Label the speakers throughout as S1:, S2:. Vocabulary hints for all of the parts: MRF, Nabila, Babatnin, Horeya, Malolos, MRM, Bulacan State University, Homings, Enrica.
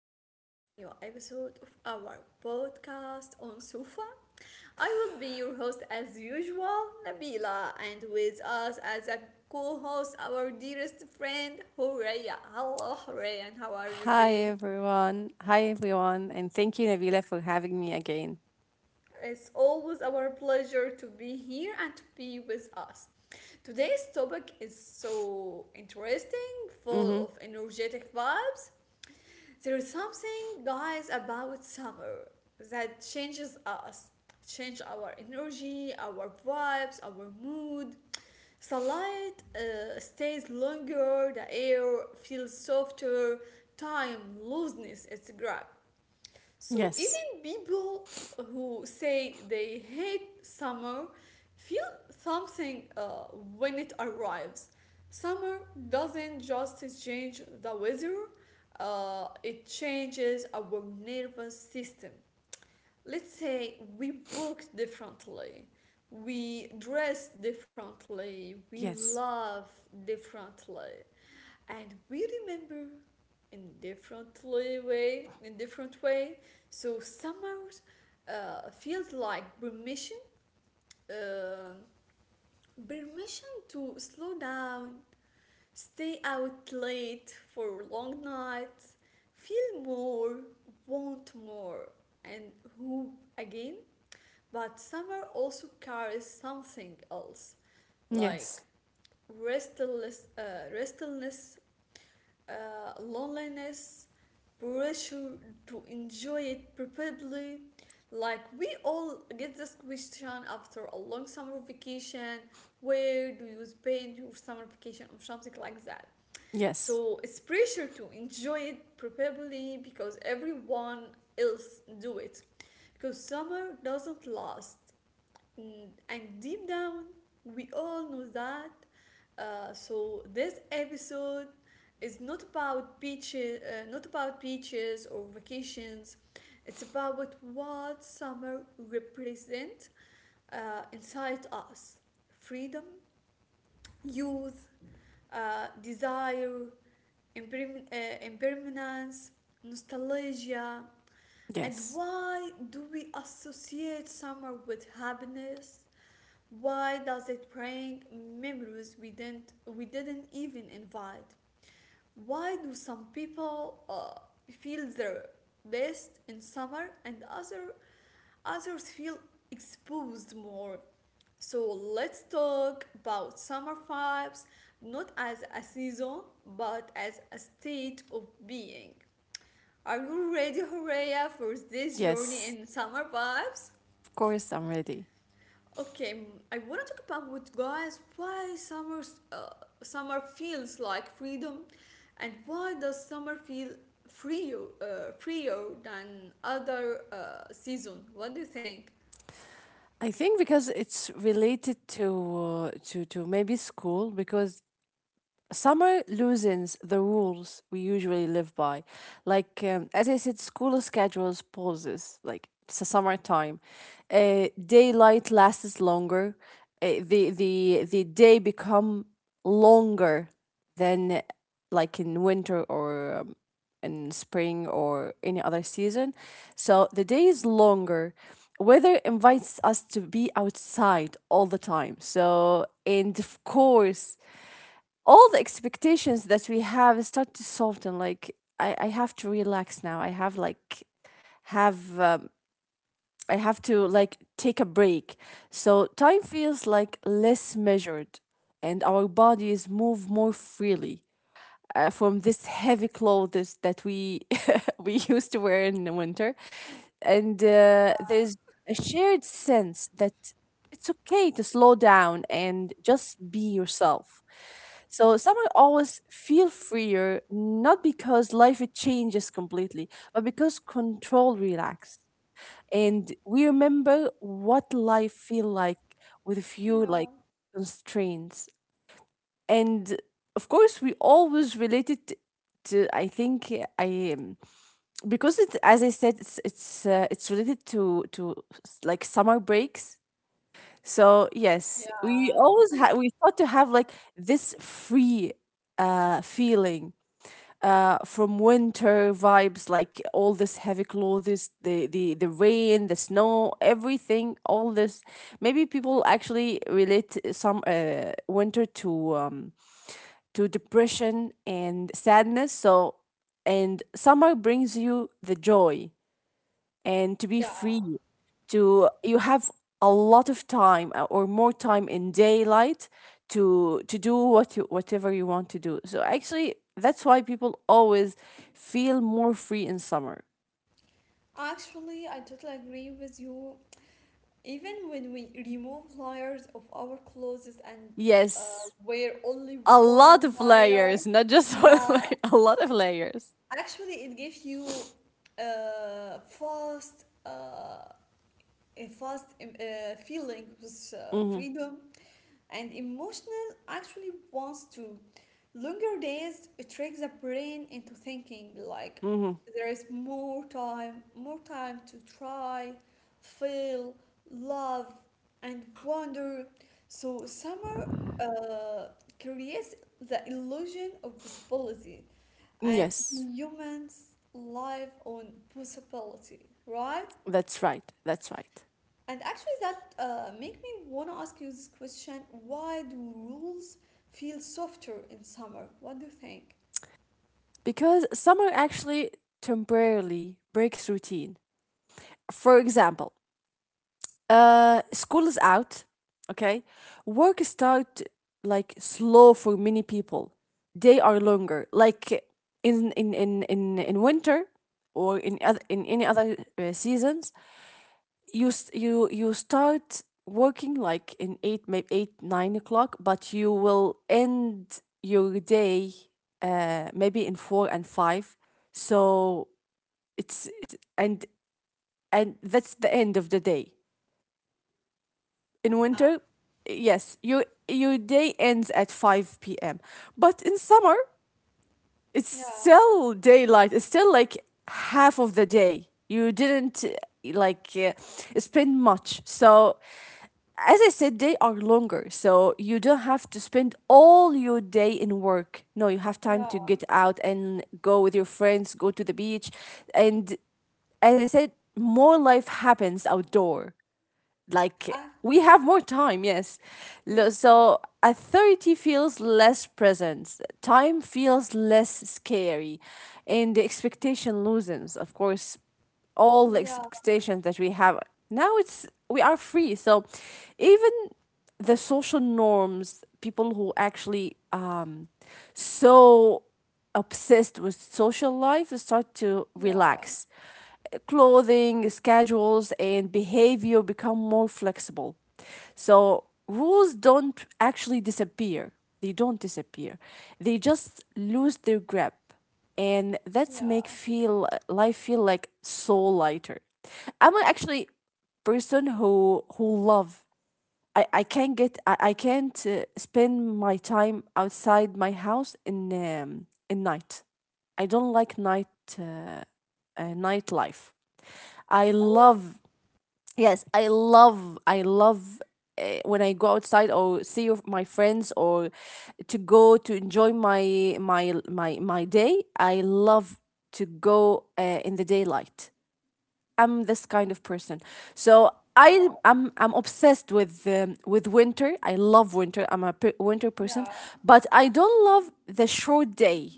S1: back to a new episode of our podcast on Sufa. I will be your host as usual, Nabila, and with us as a co host, our dearest friend, Horeya. Hello, Horeya, and how are you
S2: Hi
S1: today?
S2: everyone. Hi everyone. And thank you, Nabila, for having me again.
S1: It's always our pleasure to be here and to be with us. Today's topic is so interesting, full of
S2: Mhm.
S1: energetic vibes. There is something, guys, about summer that changes us, change our energy, our vibes, our mood. Sunlight stays longer, the air feels softer, time looseness is grab. So
S2: Yes.
S1: even people who say they hate summer feel something when it arrives. Summer doesn't just change the weather, it changes our nervous system. Let's say we walk differently, we dress differently, we
S2: Yes.
S1: love differently, and we remember in different way. So summer feels like permission, uh, permission to slow down, stay out late for long nights, feel more, want more, and hope again. But summer also carries something else, like
S2: Yes.
S1: restless uh, restlessness, loneliness, pressure to enjoy it probably. Like we all get this question after a long summer vacation. Where do you spend your summer vacation or something like that?
S2: Yes.
S1: So it's pressure to enjoy it probably because everyone else do it. Because summer doesn't last. And deep down we all know that. So this episode is not about beaches or vacations, it's about what summer represents inside us: freedom, youth, desire, impermanence, nostalgia. And
S2: Yes.
S1: why do we associate summer with happiness? Why does it bring memories we didn't even invite? Why do some people feel their best in summer and others feel exposed more? So let's talk about summer vibes, not as a season but as a state of being. Are you ready, Horea, for this journey
S2: Yes.
S1: in summer vibes?
S2: Of course I'm ready.
S1: Okay. I want to talk about with guys why summer, uh, summer feels like freedom, and why does summer feel freer than other season? What do you think?
S2: I think because it's related to to maybe school, because summer loosens the rules we usually live by. Like, as I said, school schedules pauses, like it's a summertime. Daylight lasts longer. The day become longer than like in winter or in spring or any other season. So the day is longer. Weather invites us to be outside all the time. So, and of course, all the expectations that we have start to soften. Like I have to relax now. I have like have um, i have to like take a break, so time feels like less measured, and our bodies move more freely from this heavy clothes that we we used to wear in the winter. And there's a shared sense that it's okay to slow down and just be yourself. So someone always feel freer, not because life it changes completely, but because control relax. And we remember what life feel like with a few
S1: Yeah,
S2: like constraints. And of course, we always related to, I think I because it as I said, it's related to like summer breaks. So yes, we
S1: yeah,
S2: always had we thought to have like this free feeling from winter vibes, like all this heavy clothes, the rain, the snow, everything, all this. Maybe people actually relate some winter to depression and sadness. So and summer brings you the joy and to be
S1: yeah.
S2: free, to you have a lot of time or more time in daylight to do whatever you want to do. So actually that's why people always feel more free in summer.
S1: Actually, I totally agree with you. Even when we remove layers of our clothes and
S2: Yes,
S1: wear only
S2: a lot
S1: one
S2: of
S1: layer,
S2: layers, not just one
S1: yeah.
S2: layer, a lot of layers.
S1: Actually, it gives you a fast, feeling with
S2: Mm-hmm.
S1: freedom and emotional. Actually, wants to longer days trick the brain into thinking like
S2: Mm-hmm.
S1: there is more time to try, feel, love, and wonder. So summer uh, creates the illusion of possibility, and
S2: Yes,
S1: humans live on possibility, right?
S2: that's right. That's right.
S1: And actually, that make me want to ask you this question: Why do rules feel softer in summer? What do you think?
S2: Because summer actually temporarily breaks routine. For example, school is out, okay? Work start like slow for many people. They are longer. Like in winter, or in other in any other seasons, you s- you start working like in 8 maybe 8 9 o'clock, but you will end your day maybe in four and five. So it's and that's the end of the day in
S1: Yeah,
S2: winter. Yes, your day ends at 5 p.m, but in summer it's
S1: yeah,
S2: still daylight, it's still like half of the day you didn't like spend much. So as I said, they are longer, so you don't have to spend all your day in work. No, you have time to
S1: yeah.
S2: get out and go with your friends, go to the beach. And as I said, more life happens outdoor, like
S1: I,
S2: we have
S1: yeah,
S2: more time. Yes. Lo-
S1: yes,
S2: so at 30 feels less present, time feels less scary, and the expectation loosens. Of course all the
S1: yeah,
S2: expectations that we have, now it's we are free. So even the social norms, people who actually so obsessed with social life start to
S1: yeah,
S2: relax. Clothing, schedules, and behavior become more flexible. So rules don't actually disappear. They don't disappear. They just lose their grip. And that's make
S1: yeah.
S2: feel life feel like so lighter. I'm actually person who love. I can't spend my time outside my house in night. I don't like night, uh, nightlife. I
S1: Really?
S2: love Yes, I love when I go outside or see of my friends, or to go to enjoy my day. I love to go in the daylight. I'm this kind of person. So I
S1: Wow.
S2: I'm I'm obsessed with winter. I love winter. I'm a winter person,
S1: Yeah,
S2: but I don't love the short day.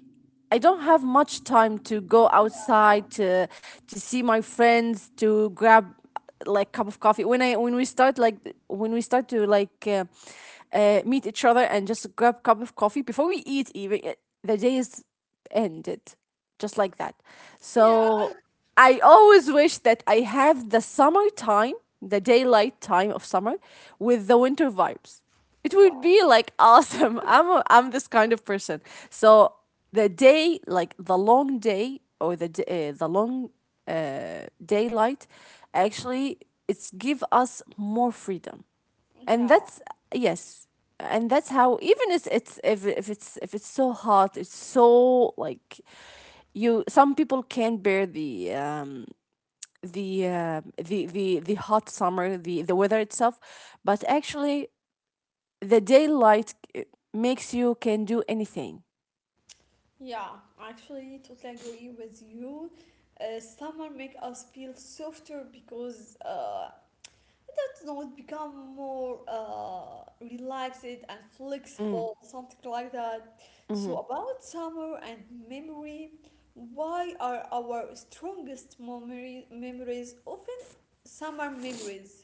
S2: I don't have much time to go
S1: yeah,
S2: outside to see my friends, to grab like cup of coffee. When I when we start like, when we start to like meet each other and just grab cup of coffee before we eat. Even the day is ended just like that.
S1: yeah.
S2: So I always wish that I have the summertime, the daylight time of summer, with the winter vibes. It would
S1: Wow.
S2: be like awesome. I'm this kind of person. So the day, like the long day, or the long daylight, actually it's give us more freedom, and
S1: Yeah.
S2: that's, yes, and that's how. Even if it's so hot, it's so like you, some people can't bear the hot summer, the weather itself. But actually the daylight makes you can do anything.
S1: Yeah, actually, totally agree with you. Summer make us feel softer because it's not become more relaxed and
S2: Mm,
S1: flexible, something like that. So
S2: mhm.
S1: about summer and memory, why are our strongest memory memories often summer memories?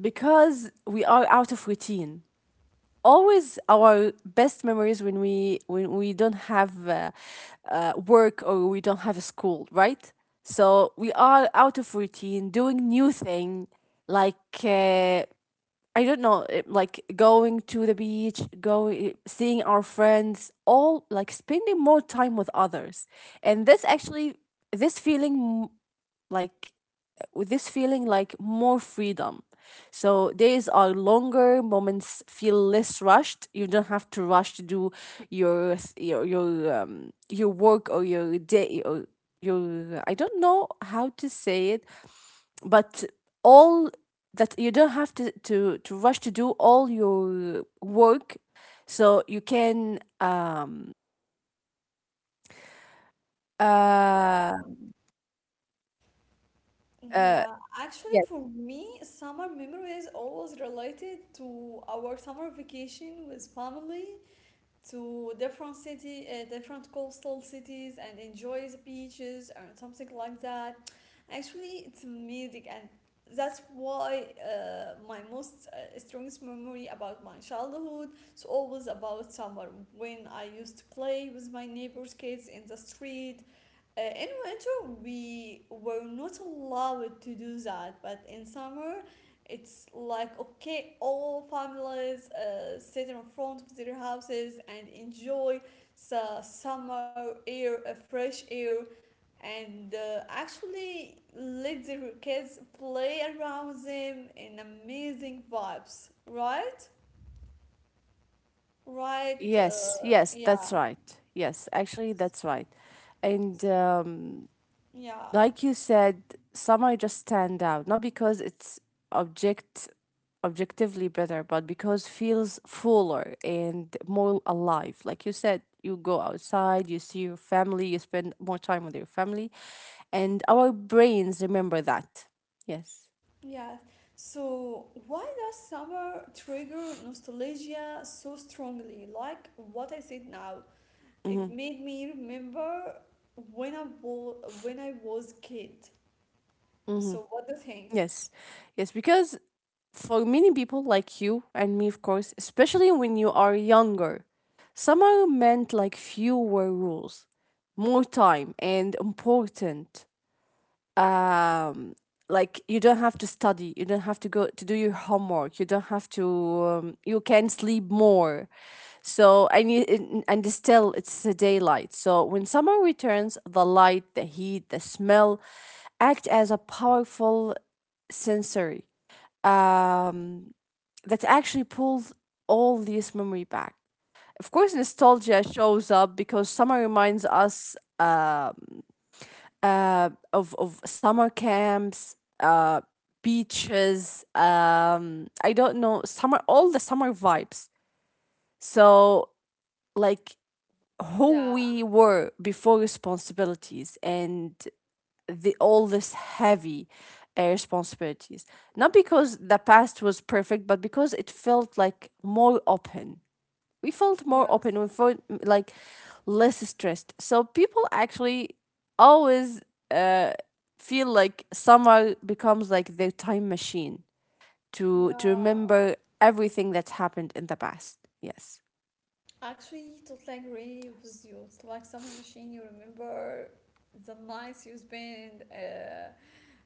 S2: Because we are out of routine. Always our best memories when we don't have work, or we don't have a school, right? So we are out of routine doing new thing, like I don't know, like going to the beach, going seeing our friends, all like spending more time with others. And this actually, this feeling, like with this feeling like more freedom. So days are longer, moments feel less rushed. You don't have to rush to do your work, or your day, or your, I don't know how to say it, but all that you don't have to rush to do all your work. So you can
S1: Yeah.
S2: uh uh
S1: Yeah, actually,
S2: yes.
S1: for me, summer memory is always related to our summer vacation with family, to different city, different coastal cities, and enjoy the beaches and something like that. Actually, it's amazing, and that's why my most strongest memory about my childhood is always about summer, when I used to play with my neighbors' kids in the street. In winter, we were not allowed to do that, but in summer, it's like okay, all families sit in front of their houses and enjoy the summer air, fresh air, and actually let their kids play around them in amazing vibes, right? Right?
S2: Yes, yes, that's
S1: Yeah,
S2: right. Yes, actually, that's right. And
S1: yeah,
S2: like you said, summer just stand out, not because it's object objectively better, but because feels fuller and more alive. Like you said, you go outside, you see your family, you spend more time with your family, and our brains remember that. Yes.
S1: yeah. So, why does summer trigger nostalgia so strongly? Like what I said now, it
S2: Mm-hmm.
S1: made me remember when I was kid. So what do you think?
S2: Yes, yes, because for many people like you and me, of course, especially when you are younger, summer meant like fewer rules, more time, and important, um like you don't have to study, you don't have to go to do your homework, you don't have to, you can sleep more. So and and still it's a daylight. So when summer returns, the light, the heat, the smell act as a powerful sensory, um that actually pulls all these memory back. Of course nostalgia shows up because summer reminds us, of summer camps, beaches. I don't know, summer, all the summer vibes. So like
S1: Yeah,
S2: who we were before responsibilities and the all this heavy responsibilities. Not because the past was perfect, but because it felt like more open. We felt more
S1: yes.
S2: open. We felt like less stressed. So people actually always feel like summer becomes like their time machine to
S1: Yeah.
S2: remember everything that happened in the past. Yes.
S1: Actually, totally agree with you. It's like summer machine, you remember the nights you spent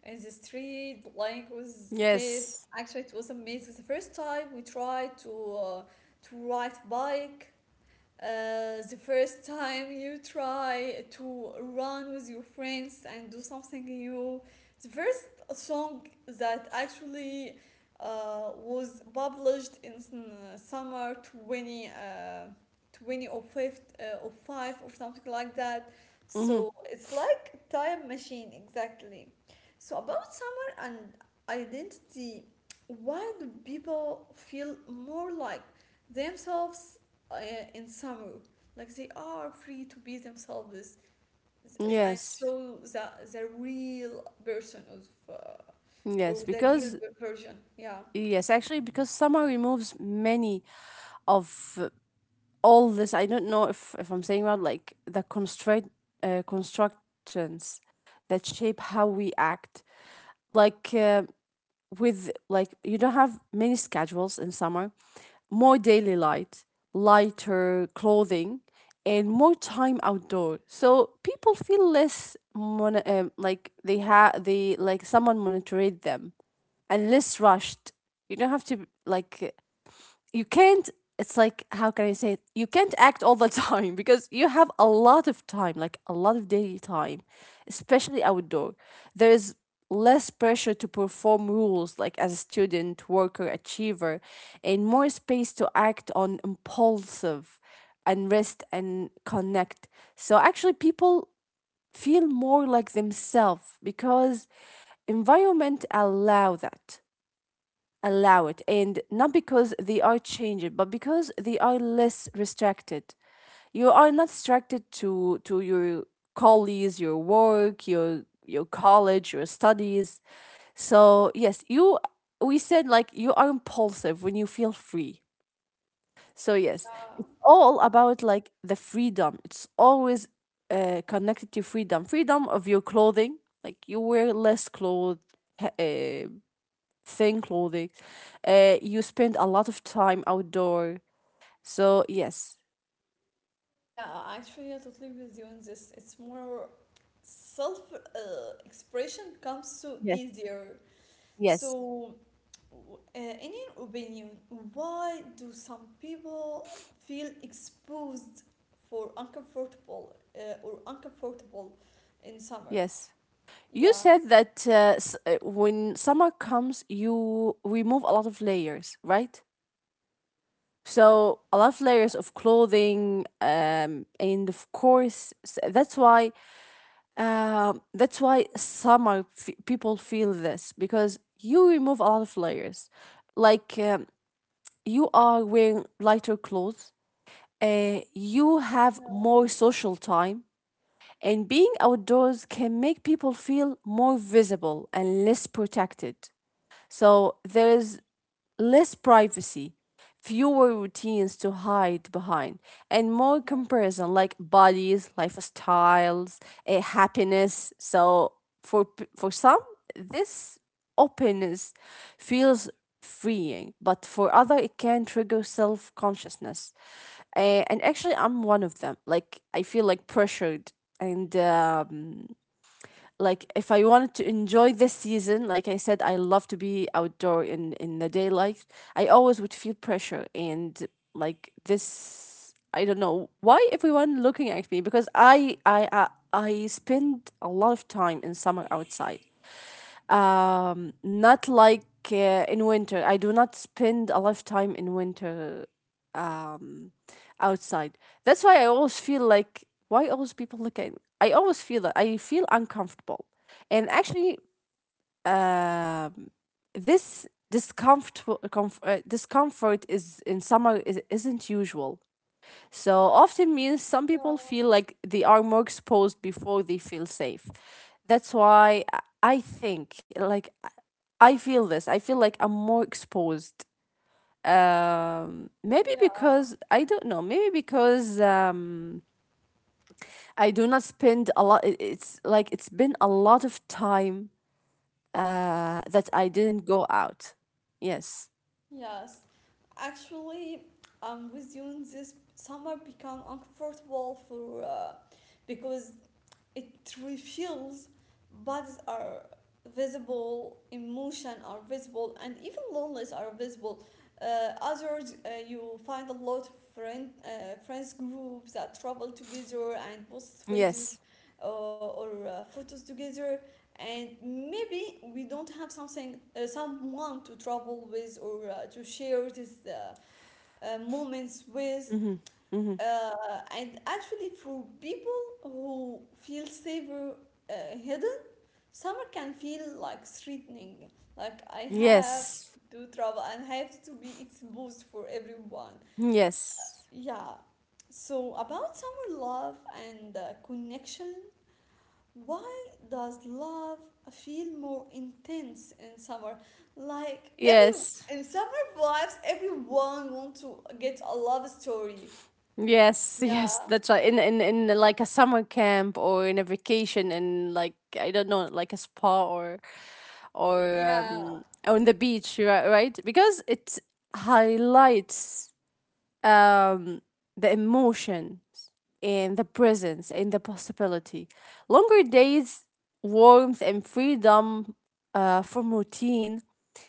S1: in the street, playing with kids.
S2: Yes.
S1: Actually, it was amazing. The first time we tried to ride bike. The first time you try to run with your friends and do something new. The first song that actually was published in summer 20, 20 or 5, or 5 or something like that.
S2: Mm-hmm.
S1: So it's like time machine, exactly. So about summer and identity, why do people feel more like themselves uh, in summer? Like they are free to be themselves and
S2: Yes.
S1: show the real person of uh,
S2: Yes.
S1: or the real
S2: Because
S1: version. Yeah.
S2: yes, actually, because summer removes many of, all this. I don't know if I'm saying about like the constraint constructions that shape how we act. Like with, like you don't have many schedules in summer. More daily light, lighter clothing, and more time outdoor, so people feel less, like they have, they like someone monitored them, and less rushed. You don't have to like, you can't, it's like how can I say it? You can't act all the time because you have a lot of time, like a lot of daily time, especially outdoor. There is less pressure to perform rules like as a student, worker, achiever, and more space to act on impulsive, and rest, and connect. So actually people feel more like themselves because environment allow it. And not because they are changed, but because they are less restricted. You are not restricted to your colleagues, your work, your college, your studies. So yes, you we said like you are impulsive when you feel free. So yes,
S1: Yeah.
S2: it's all about like the freedom. It's always connected to freedom, freedom of your clothing. Like you wear less clothes, uh, thin clothing. You spend a lot of time outdoor. So yes,
S1: Yeah. Actually, I totally with you on this. It's more self expression becomes so
S2: yes,
S1: easier.
S2: yes,
S1: So, in your opinion, why do some people feel exposed for uncomfortable or uncomfortable in summer?
S2: yes. You
S1: Yeah.
S2: said that, when summer comes, you remove a lot of layers, right?
S1: Yeah,
S2: So a lot of
S1: yeah,
S2: layers of clothing, and of course, that's why, that's why summer, people feel this because you remove a lot of layers, like you are wearing lighter clothes, you have
S1: yeah,
S2: more social time, and being outdoors can make people feel more visible and less protected. So there is less privacy, fewer routines to hide behind, and more comparison, like bodies, lifestyles, happiness. So for, for some, this openness feels freeing, but for other, it can trigger self consciousness. And actually, I'm one of them. Like I feel like pressured and. Like if I wanted to enjoy this season, like I said, I love to be outdoor in the daylight. I always would feel pressure and like this. I don't know why everyone looking at me, because I spend a lot of time in summer outside. Not like in winter. I do not spend a lot of time in winter. Um outside. That's why I always feel like, why always people look at me? I always feel that I feel uncomfortable. And actually, um this discomfort, discomfort is in summer isn't usual. So often means some people feel like they are more exposed before they feel safe. That's why I think, like, I feel this. I feel like I'm more exposed, maybe
S1: yeah,
S2: because I don't know. Maybe because, I do not spend a lot. It's like it's been a lot of time, that I didn't go out. Yes.
S1: yes. Actually, I'm with you in this summer become uncomfortable for because it reveals bodies are visible, emotion are visible, and even loneliness are visible. Others, you find a lot of friends groups that travel together and post videos
S2: Yes.
S1: or photos together. And maybe we don't have something, someone to travel with or to share these moments with.
S2: Mm-hmm. Mm-hmm.
S1: And actually, for people who feel safer hidden, summer can feel like threatening. Like I have
S2: Yes.
S1: to travel and have to be exposed for everyone.
S2: Yes.
S1: Yeah. So about summer love and connection, why does love feel more intense in summer? Like every
S2: Yes.
S1: in summer vibes, everyone want to get a love story.
S2: Yes, yes,
S1: Yeah.
S2: that's right. In like a summer camp, or in a vacation, in, like, I don't know, like a spa, or or
S1: Yeah,
S2: um on the beach, right? Right? Because it highlights, um, the emotions and the presence and the possibility. Longer days, warmth, and freedom, from routine,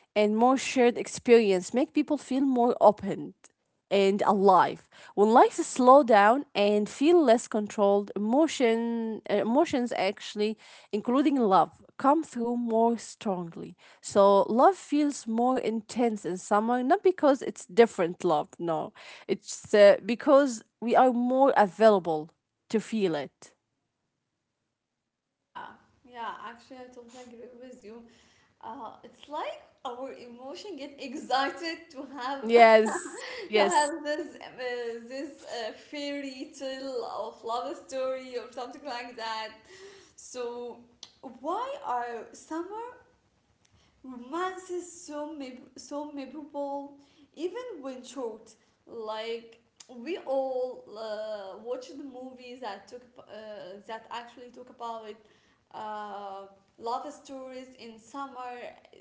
S2: and more shared experience make people feel more open and alive. When life is slow down and feel less controlled emotions actually, including love, come through more strongly, so love feels more intense in summer, not because it's different love. No, it's, because we are more available to feel it.
S1: Yeah, yeah, actually, I totally agree with you. It's like our emotion get excited to have
S2: Yes.
S1: to have
S2: Yes.
S1: this fairy tale of love story or something like that. So why are some so memorable, even when short? Like we all watch the movies that that actually talk about uh, love stories in summer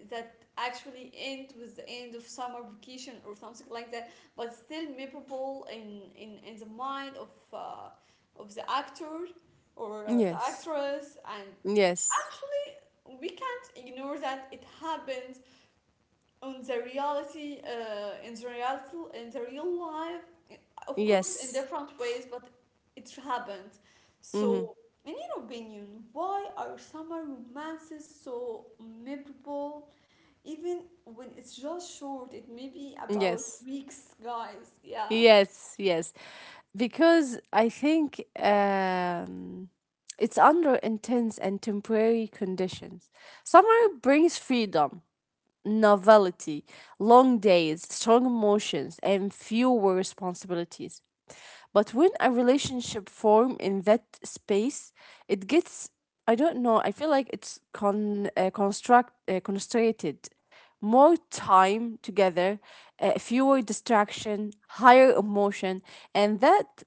S1: that actually end with the end of summer vacation or something like that, but still memorable in in the mind of the actor or the
S2: Yes.
S1: actress. And
S2: Yes.
S1: actually we can ignore that it happens on the reality in the real life, of course in
S2: Yes.
S1: different ways, but it happens.
S2: Mm-hmm.
S1: So in your opinion, why are summer romances so memorable even when it's just short? It may be about
S2: Yes.
S1: weeks, guys. yeah
S2: Yes. Yes. Because I think, it's under intense and temporary conditions. Summer brings freedom, novelty, long days, strong emotions, and fewer responsibilities. But when a relationship form in that space, it gets, I don't know, I feel like it's construct constrated, more time together, fewer distraction, higher emotion, and that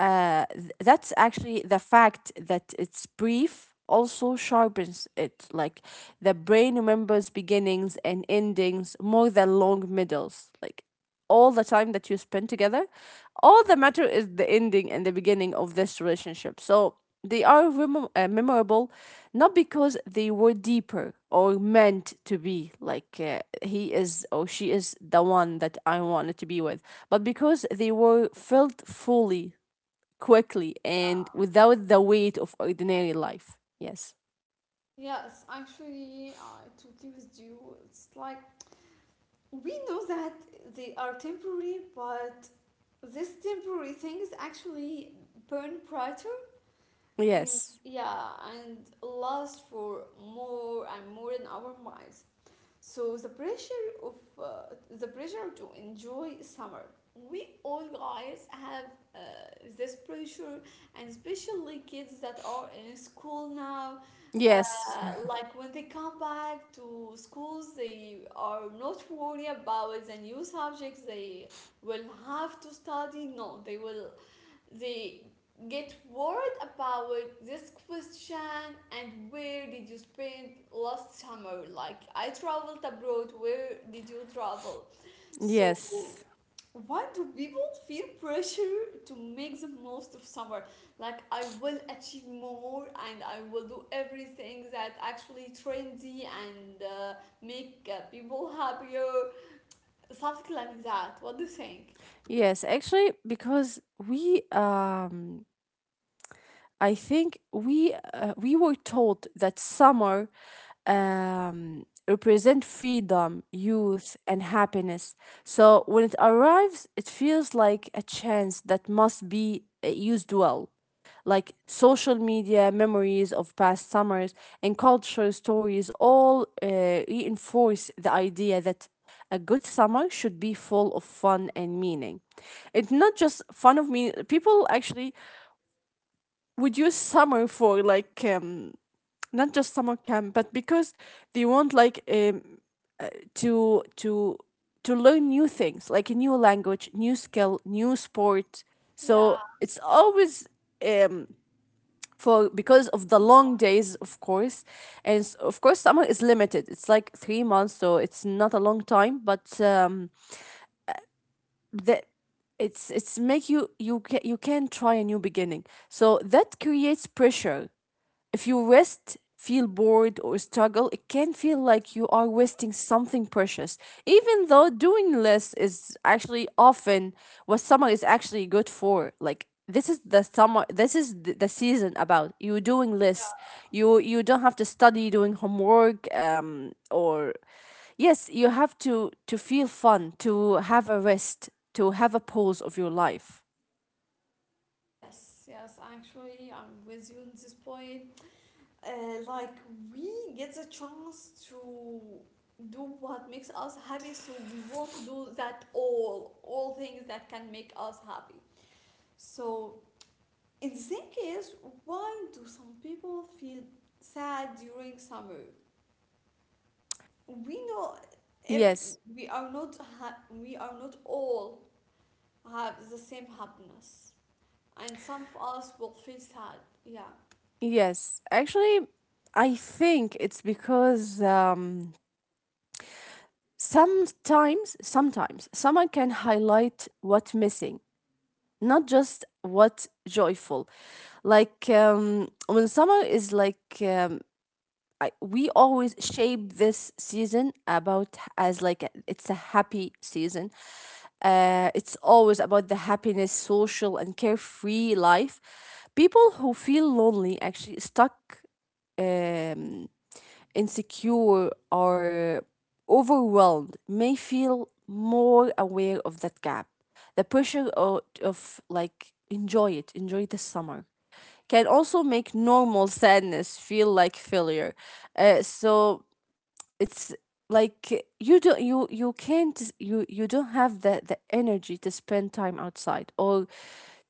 S2: uh, th- that's actually the fact that it's brief also sharpens it. Like, the brain remembers beginnings and endings more than long middles. Like, all the time that you spend together, all that matter is the ending and the beginning of this relationship. So they are memorable, not because they were deeper or meant to be, like, he is or she is the one that I wanted to be with, but because they were felt fully, quickly,
S1: yeah
S2: and without the weight of ordinary life. Yes.
S1: yes actually, I totally with you. It's like we know that they are temporary, but this temporary things actually burn brighter, and
S2: Yes.
S1: yeah, and last for more and more in our minds. So the pressure of uh, the pressure to enjoy summer. We all guys have uh, this pressure, and especially kids that are in school now. Uh,
S2: Yes.
S1: like when they come back to schools, they are not worried about the new subjects they will have to study. No, they will they get worried about this question, and where did you spend last summer, like I traveled abroad, where did you travel? So
S2: Yes.
S1: why do people feel pressure to make the most of summer, like I will achieve more, and I will do everything that actually trendy and make people happier, something like that? What do you think?
S2: Yes, actually, because we I think we were told that summer represent freedom, youth, and happiness. So when it arrives, it feels like a chance that must be, used well. Like social media, memories of past summers, and cultural stories all, reinforce the idea that a good summer should be full of fun and meaning. It's not just fun of me. People actually would use summer for, like, not just summer camp, but because they want, like, to to to learn new things, like a new language, new skill, new sport.
S1: yeah
S2: So it's always, um, for because of the
S1: yeah
S2: long days, of course, and of course summer is limited, it's like 3 months, so it's not a long time, but the it's make you, you can try a new beginning, so that creates pressure. If you rest, feel bored, or struggle, it can feel like you are wasting something precious, even though doing less is actually often what summer is actually good for. Like, this is the summer this is th- the season about you doing less.
S1: yeah.
S2: You don't have to study, doing homework, or, yes, you have to feel fun, to have a rest, to have a pause of your life.
S1: Yes, yes, actually, I'm with you on this point. Like, we get the chance to do what makes us happy, so we want to do that all things that can make us happy. So, in that case, why do some people feel sad during summer? We know every,
S2: Yes.
S1: we are not all have the same happiness, and some of us will feel sad. Yeah.
S2: Yes, actually, I think it's because, sometimes, someone can highlight what's missing, not just what joyful. Like, when someone is like, we always shape this season about as, like, it's a happy season. It's always about the happiness, social and carefree life. People who feel lonely actually stuck, um, insecure, or overwhelmed may feel more aware of that gap. The pressure of like, enjoy it, enjoy the summer, can also make normal sadness feel like failure. So it's like, you don't, you can't, you don't have the energy to spend time outside, or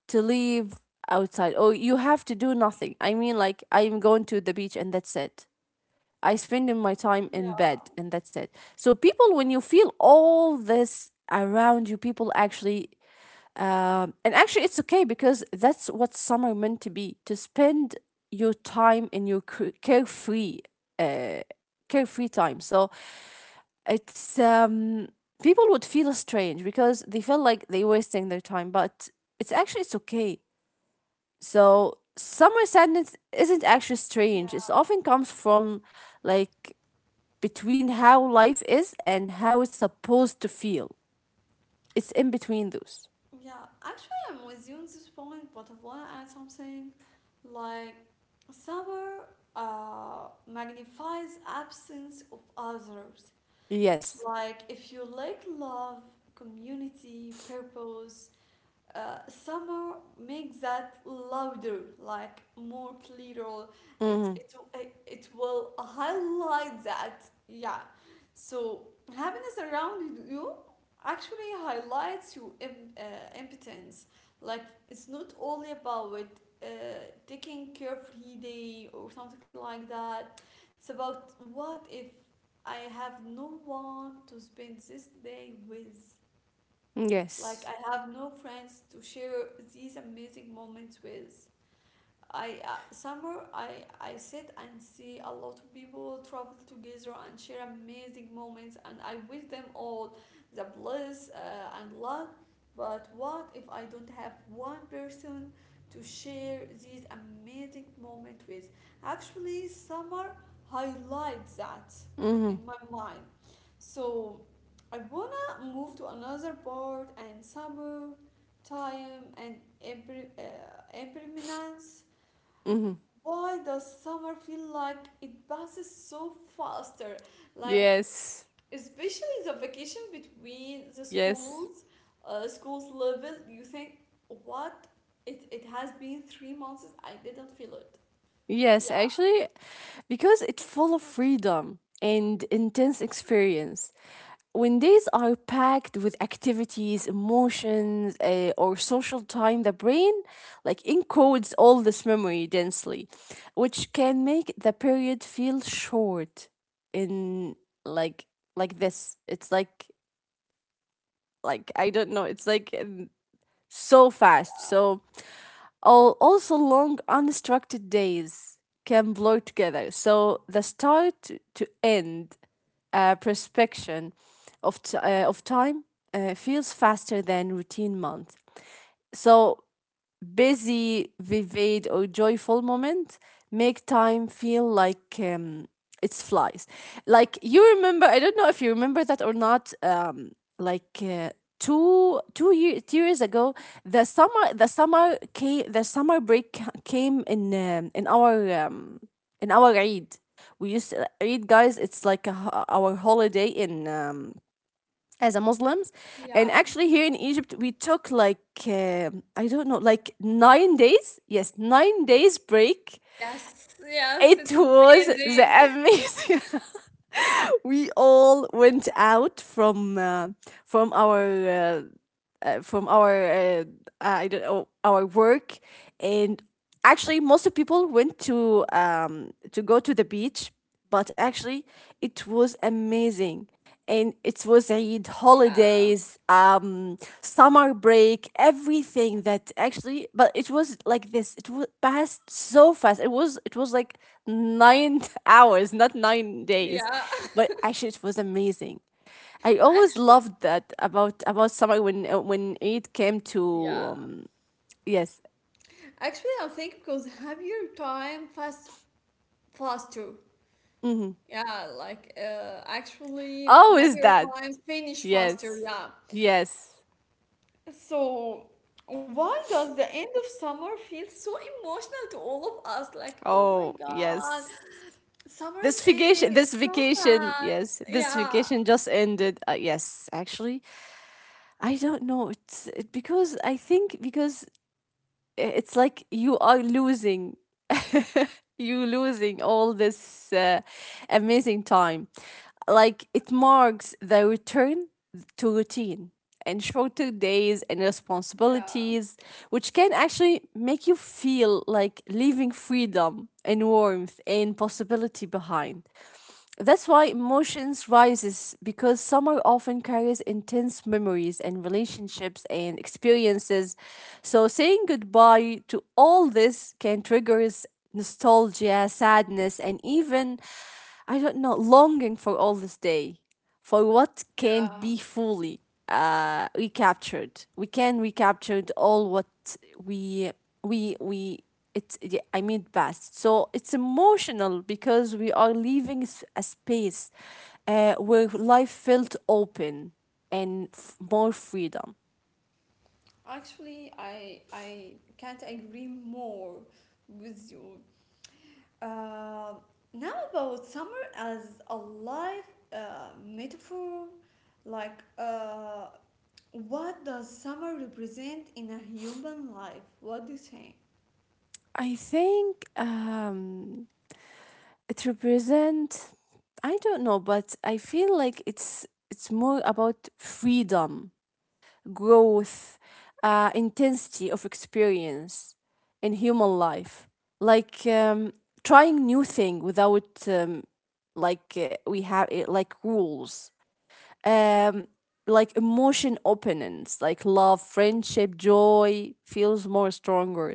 S2: to leave outside, or you have to do nothing. I mean, like, I'm going to the beach and that's it. I spend my time in
S1: Yeah.
S2: bed, and that's it. So people, when you feel all this around you, people actually, and actually, it's okay, because that's what summer meant to be—to spend your time in your carefree, uh, carefree time. So it's, people would feel strange because they feel like they're wasting their time, but it's actually it's okay. So summer sadness isn't actually strange. It often comes from, like, between how life is and how it's supposed to feel. It's in between those.
S1: Yeah, actually, I'm with you on this point, but I want to add something, like summer magnifies absence of others.
S2: Yes.
S1: Like, if you lack love, community, purpose, summer makes that louder, like more clearer. It
S2: Mm-hmm.
S1: it it it will highlight that. Yeah. So happiness around you actually highlights your impotence. Like it's not only about uh, taking carefree day or something like that. It's about what if I have no one to spend this day with. Like, I
S2: Yes.
S1: have no friends to share these amazing moments with. I summer I sit and see a lot of people travel together and share amazing moments, and I wish them all the bliss and luck. But what if I don't have one person to share these amazing moments with? Actually, summer highlights that
S2: Mm-hmm.
S1: in my mind. So I wanna move to another part, and summer time and impermanence,
S2: Mm-hmm.
S1: why does summer feel like it passes so faster? Like,
S2: Yes.
S1: especially the vacation between the
S2: Yes.
S1: schools, schools level, you think, what? It has been 3 months, I didn't feel it.
S2: Yes,
S1: Yeah.
S2: actually, because it's full of freedom and intense experience. When days are packed with activities, emotions, or social time, the brain, like, encodes all this memory densely, which can make the period feel short. In like like this, it's like, I don't know, it's like, so
S1: Yeah.
S2: fast. So, also, long unstructured days can blur together. So the start to end, prospection of time, feels faster than routine month. So busy, vivid, or joyful moment make time feel like, it's flies. Like, you remember, I don't know if you remember that or not. Like uh, two two years 2 years ago, the summer break came in, in our, in our Eid. We used to, Eid guys. It's like a, our holiday in, as a Muslims. And
S1: Yeah.
S2: actually, here in Egypt, we took like, I don't know, like, 9 days. Yes, 9 days break.
S1: Yes. Yes.
S2: It
S1: It's
S2: was the
S1: amazing.
S2: amazing. We all went out from our uh, from our I don't know, our work, and actually most of people went to go to the beach, but actually it was amazing. And it was Eid
S1: Yeah.
S2: holidays, summer break, everything that actually, but it was like this. It was passed so fast. It was like nine hours, not 9 days,
S1: Yeah.
S2: but actually it was amazing. I always
S1: Actually,
S2: loved that about summer when, when it came to
S1: yeah.
S2: um, Yes.
S1: Actually, I think because happier time faster.
S2: Mm-hmm.
S1: Yeah, like actually,
S2: Always
S1: happier
S2: that.
S1: time finish faster.
S2: Yes.
S1: Yeah.
S2: Yes.
S1: So, why does the end of summer feel so emotional to all of us? Like, oh my
S2: Oh,
S1: God,
S2: yes.
S1: summer's ending. It's so sad.
S2: Yes, this
S1: Yeah,
S2: vacation just ended. Yes, actually, I don't know. Because I think, because it's like you are losing you losing all this, amazing time, like it marks the return to routine and shorter days and
S1: yeah,
S2: responsibilities, which can actually make you feel like leaving freedom and warmth and possibility behind. That's why emotions rises, because summer often carries intense memories and relationships and experiences. So saying goodbye to all this can trigger nostalgia, sadness, and even, I don't know, longing for all this day, for what can't
S1: yeah.
S2: be fully, recaptured. We can recaptured all what we we it. Yeah, I mean past. So it's emotional because we are leaving a space, where
S1: Yes.
S2: life felt open and, more freedom.
S1: Actually, I can't agree more with you. Uh, Now about summer as a life metaphor, like what does summer represent in a human life? What do you think?
S2: I think, it represents. I don't know, but I feel like it's more about freedom, growth, intensity of experience in human life. Like, trying new thing without, we have, like, rules, um like emotion openings, like love, friendship, joy feels more stronger,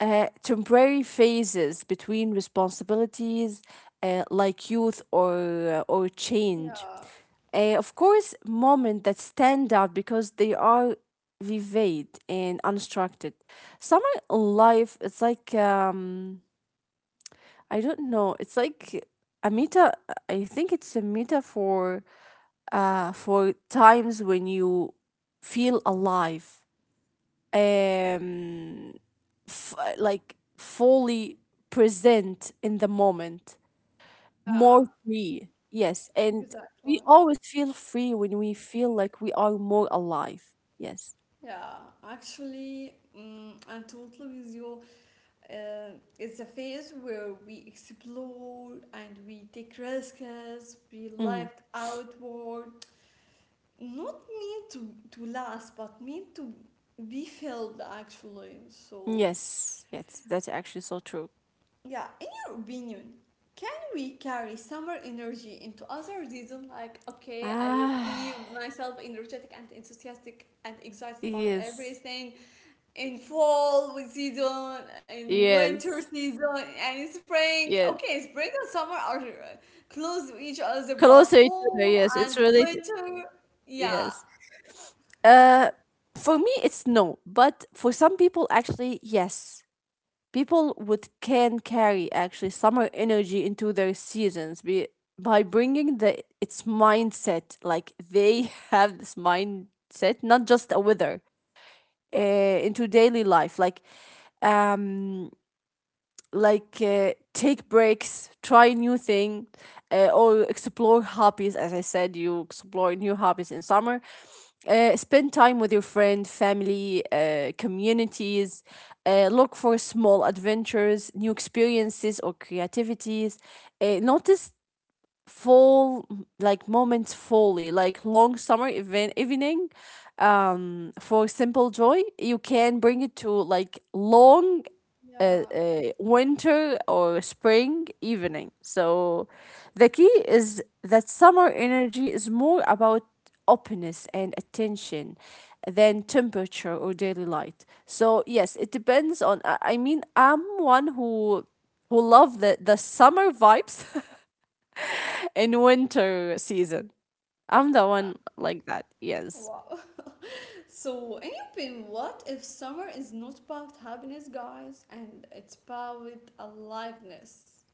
S2: temporary phases between responsibilities, like youth or, or change,
S1: Yeah,
S2: of course moments that stand out because they are vivid and unstructured. Summer life, it's like, I don't know, it's like a meta I think it's a metaphor, for times when you feel alive, um, like, fully present in the moment,
S1: yeah,
S2: more free. Yes, and we
S1: exactly.
S2: always feel free when we feel like we are more alive. Yes.
S1: Yeah, actually, I'm totally with you. Uh, it's a phase where we explore and we take risks, we
S2: Hmm.
S1: live outward, not meant to last, but meant to be filled actually. So,
S2: Yes, yes, that's actually so true.
S1: yeah, in your opinion, can we carry summer energy into other season? Like, okay, I will
S2: Ah,
S1: give myself energetic and enthusiastic and excited about
S2: yes,
S1: everything in fall with season, in winter
S2: yes,
S1: season, and in spring.
S2: yes.
S1: Okay, spring and summer are close to each other, but
S2: Closer to each
S1: fall
S2: other. Yes,
S1: and
S2: it's related.
S1: winter, yeah,
S2: Yes. Uh, for me, it's no, but for some people, actually, yes. People would can carry actually summer energy into their seasons, be, by bringing the its mindset. Like they have this mindset, not just a weather, uh, into daily life. Um, like take breaks, try new thing, or explore hobbies. As I said, you explore new hobbies in summer, spend time with your friend, family, communities, look for small adventures, new experiences or creativities, notice full like moments fully, like long summer event evening, for simple joy. You can bring it to like long
S1: yeah,
S2: a winter or spring evening. So the key is that summer energy is more about openness and attention than temperature or daily light. So yes, it depends on. I mean, I'm one who love the summer vibes in winter season. I'm the one like that. Yes.
S1: wow. So, in your opinion, what if summer is not about happiness, guys, and it's about aliveness?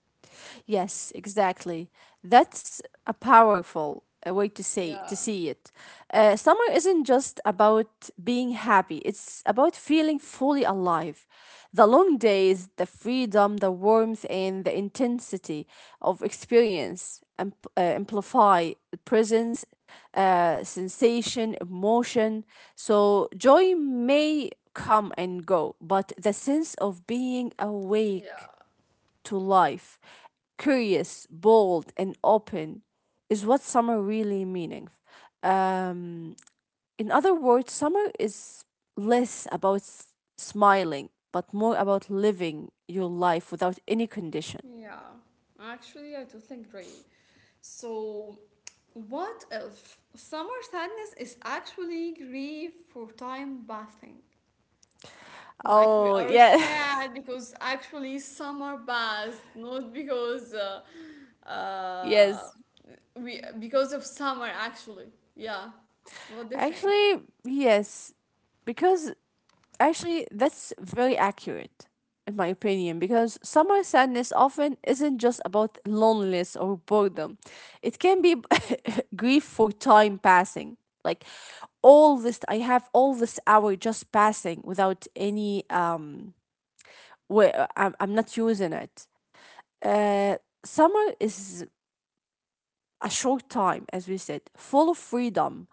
S2: Yes, exactly. That's a powerful, way to say
S1: Yeah,
S2: to see it. Summer isn't just about being happy; it's about feeling fully alive. The long days, the freedom, the warmth, and the intensity of experience amplify the presence, sensation, emotion. So joy may come and go, but the sense of being awake
S1: yeah,
S2: to life, curious, bold, and open, is what summer really meaning. Um, in other words, summer is less about smiling, but more about living your life without any condition.
S1: yeah. Actually, I totally agree. So, what if summer sadness is actually grief for time bathing? Like, we
S2: Oh,
S1: are
S2: yeah.
S1: sad because actually summer baths, not because uh,
S2: Yes.
S1: we because of summer, actually. Yeah. What do you think?
S2: Actually, yes. Because actually, that's very accurate, in my opinion, because summer sadness often isn't just about loneliness or boredom. It can be grief for time passing. Like, all this, I have all this hour just passing without any Where I'm not using it. Uh, summer is a short time, as we said, full of freedom,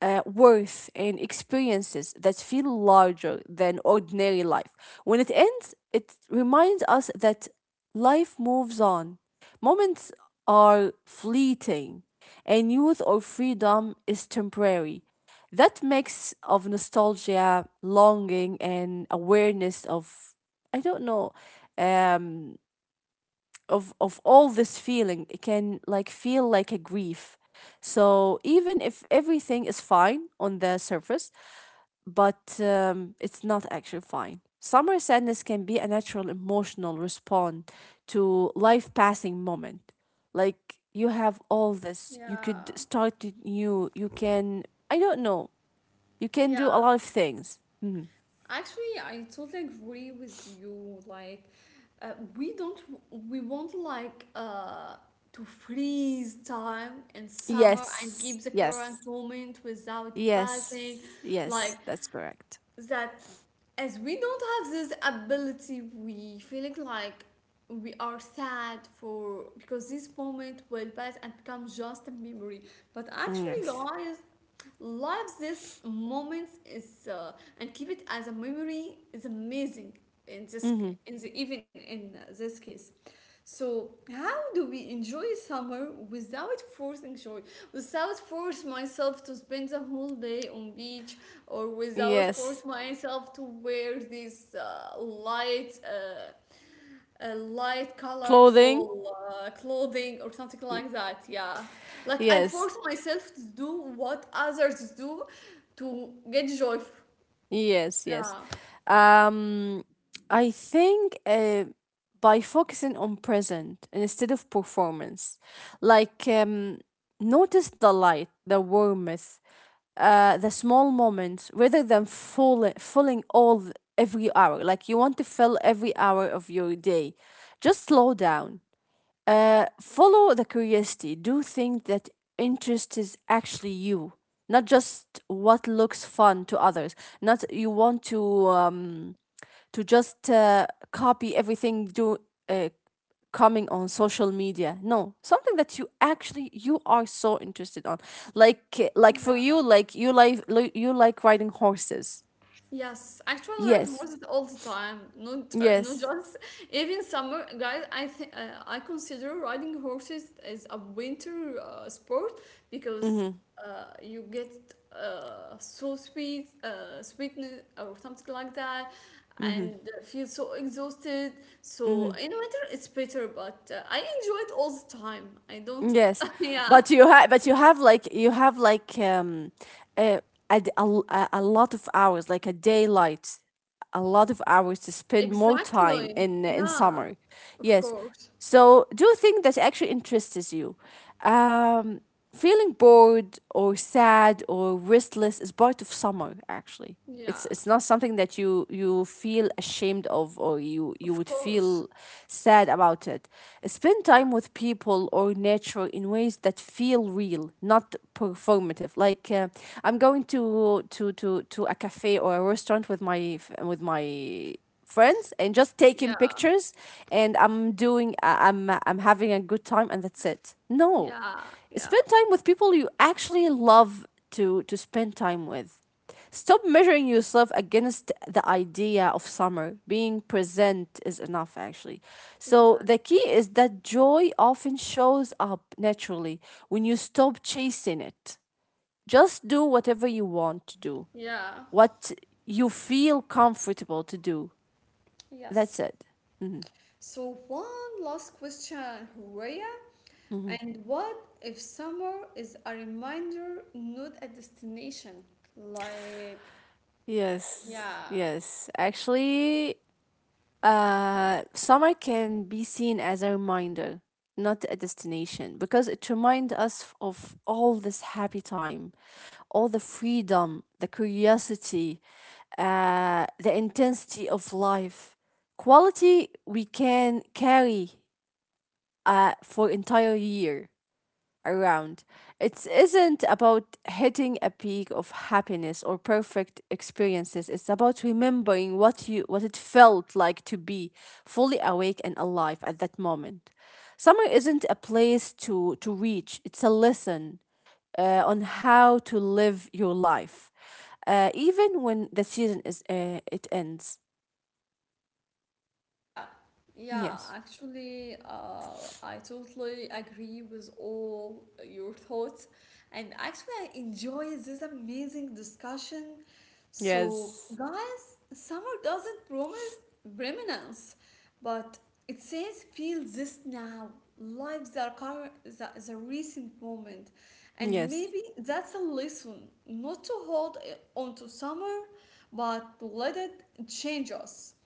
S2: worth, and experiences that feel larger than ordinary life. When it ends, it reminds us that life moves on. Moments are fleeting, and youth or freedom is temporary. That mix of nostalgia, longing, and awareness of, I don't know, um, of all this feeling, it can like feel like a grief. So even if everything is fine on the surface, but it's not actually fine, summer sadness can be a natural emotional response to life passing moment. Like you have all this, you
S1: Yeah,
S2: could start it new, you can, I don't know, you can do
S1: yeah.
S2: a lot of things. Mhm.
S1: Actually, I totally agree with you. Like, we don't, we want like to freeze time in summer and keep
S2: Yes,
S1: the current
S2: yes,
S1: moment without passing,
S2: yes,
S1: like
S2: yes, that's correct.
S1: that. As we don't have this ability, we feeling like we are sad for because this moment will pass and become just a memory. But
S2: Mm,
S1: actually,
S2: yes.
S1: guys, live this moment is and keep it as a memory is amazing in this
S2: Hmm.
S1: in the even in this case. So, how do we enjoy summer without forcing joy, without force myself to spend the whole day on beach, or without
S2: Yes.
S1: force myself to wear these light light,
S2: Clothing.
S1: colorful clothing or something
S2: Mm.
S1: like that? Yeah. Like I
S2: Yes.
S1: force myself to do what others do to get joy.
S2: Yes, yes.
S1: Yeah.
S2: Um, I think, by focusing on present instead of performance, like, notice the light, the warmth, the small moments rather than filling every hour. Like you want to fill every hour of your day. Just slow down. Follow the curiosity. Do things that interest is actually you, not just what looks fun to others. Not you want to, to just copy everything do, uh, coming on social media. No, something that you actually you are so interested on. Like, like for
S1: Yeah.
S2: you, like you like riding horses.
S1: Yes, actually, red
S2: Yes,
S1: horses all the time. Not not
S2: yes.
S1: just even summer, guys. I think I consider riding horses as a winter sport because
S2: Mm-hmm.
S1: you get so sweet, sweetness or something like that,
S2: Mm-hmm.
S1: and feel so exhausted. So
S2: Mm-hmm.
S1: in winter it's better, but I enjoy it all the time. I don't.
S2: Yes,
S1: Yeah,
S2: but you have like a, a, d- a l- a lot of hours like a daylight, a lot of hours to spend more time
S1: exactly.
S2: in
S1: Yeah,
S2: summer.
S1: of
S2: Yes.
S1: course.
S2: So do think that actually interests you. Um, feeling bored or sad or restless is part of summer, actually. It's
S1: Yeah,
S2: it's not something that you feel ashamed of or you
S1: of
S2: would
S1: course.
S2: feel sad about it. Spend time with people or nature in ways that feel real, not performative. Like, I'm going to a cafe or a restaurant with with my friends and just
S1: Yeah,
S2: taking pictures, and I'm doing, I'm having a good time and that's it. No,
S1: yeah, yeah,
S2: spend time with people you actually love to spend time with. Stop measuring yourself against the idea of summer. Being present is enough, actually. So, the
S1: exactly.
S2: key is that joy often shows up naturally when you stop chasing it. Just do whatever you want to do,
S1: Yeah,
S2: what you feel comfortable to do.
S1: yes.
S2: That's it. Mhm.
S1: So, one last question, Horia. And what if summer is a reminder, not a destination? Like,
S2: Yes,
S1: yeah,
S2: yes. Actually, uh, summer can be seen as a reminder, not a destination, because it reminds us of all this happy time, all the freedom, the curiosity, the intensity of life, quality we can carry for entire year around. It isn't about hitting a peak of happiness or perfect experiences. It's about remembering what it felt like to be fully awake and alive at that moment. Summer isn't a place to reach. It's a lesson, on how to live your life, even when the season is, it ends.
S1: yeah, yeah,
S2: Yes.
S1: actually, I totally agree with all your thoughts. And actually, I enjoy this amazing discussion. So,
S2: Yes.
S1: guys, summer doesn't promise permanence, but it says feel this now. Live the, current, the recent moment. And
S2: Yes.
S1: maybe that's a lesson not to hold on to summer, but to let it change us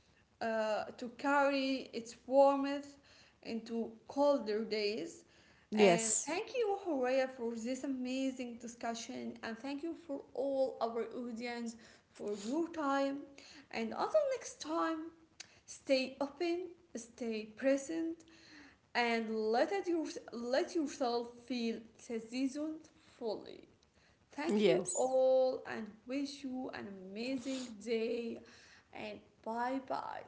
S1: to carry its warmth into colder days. And
S2: Yes.
S1: thank you, Horea, for this amazing discussion. And thank you for all our audience for your time. And until next time, stay open, stay present, and let, it your, let yourself feel the season fully. Thank you
S2: Yes.
S1: all and wish you an amazing day. And bye bye.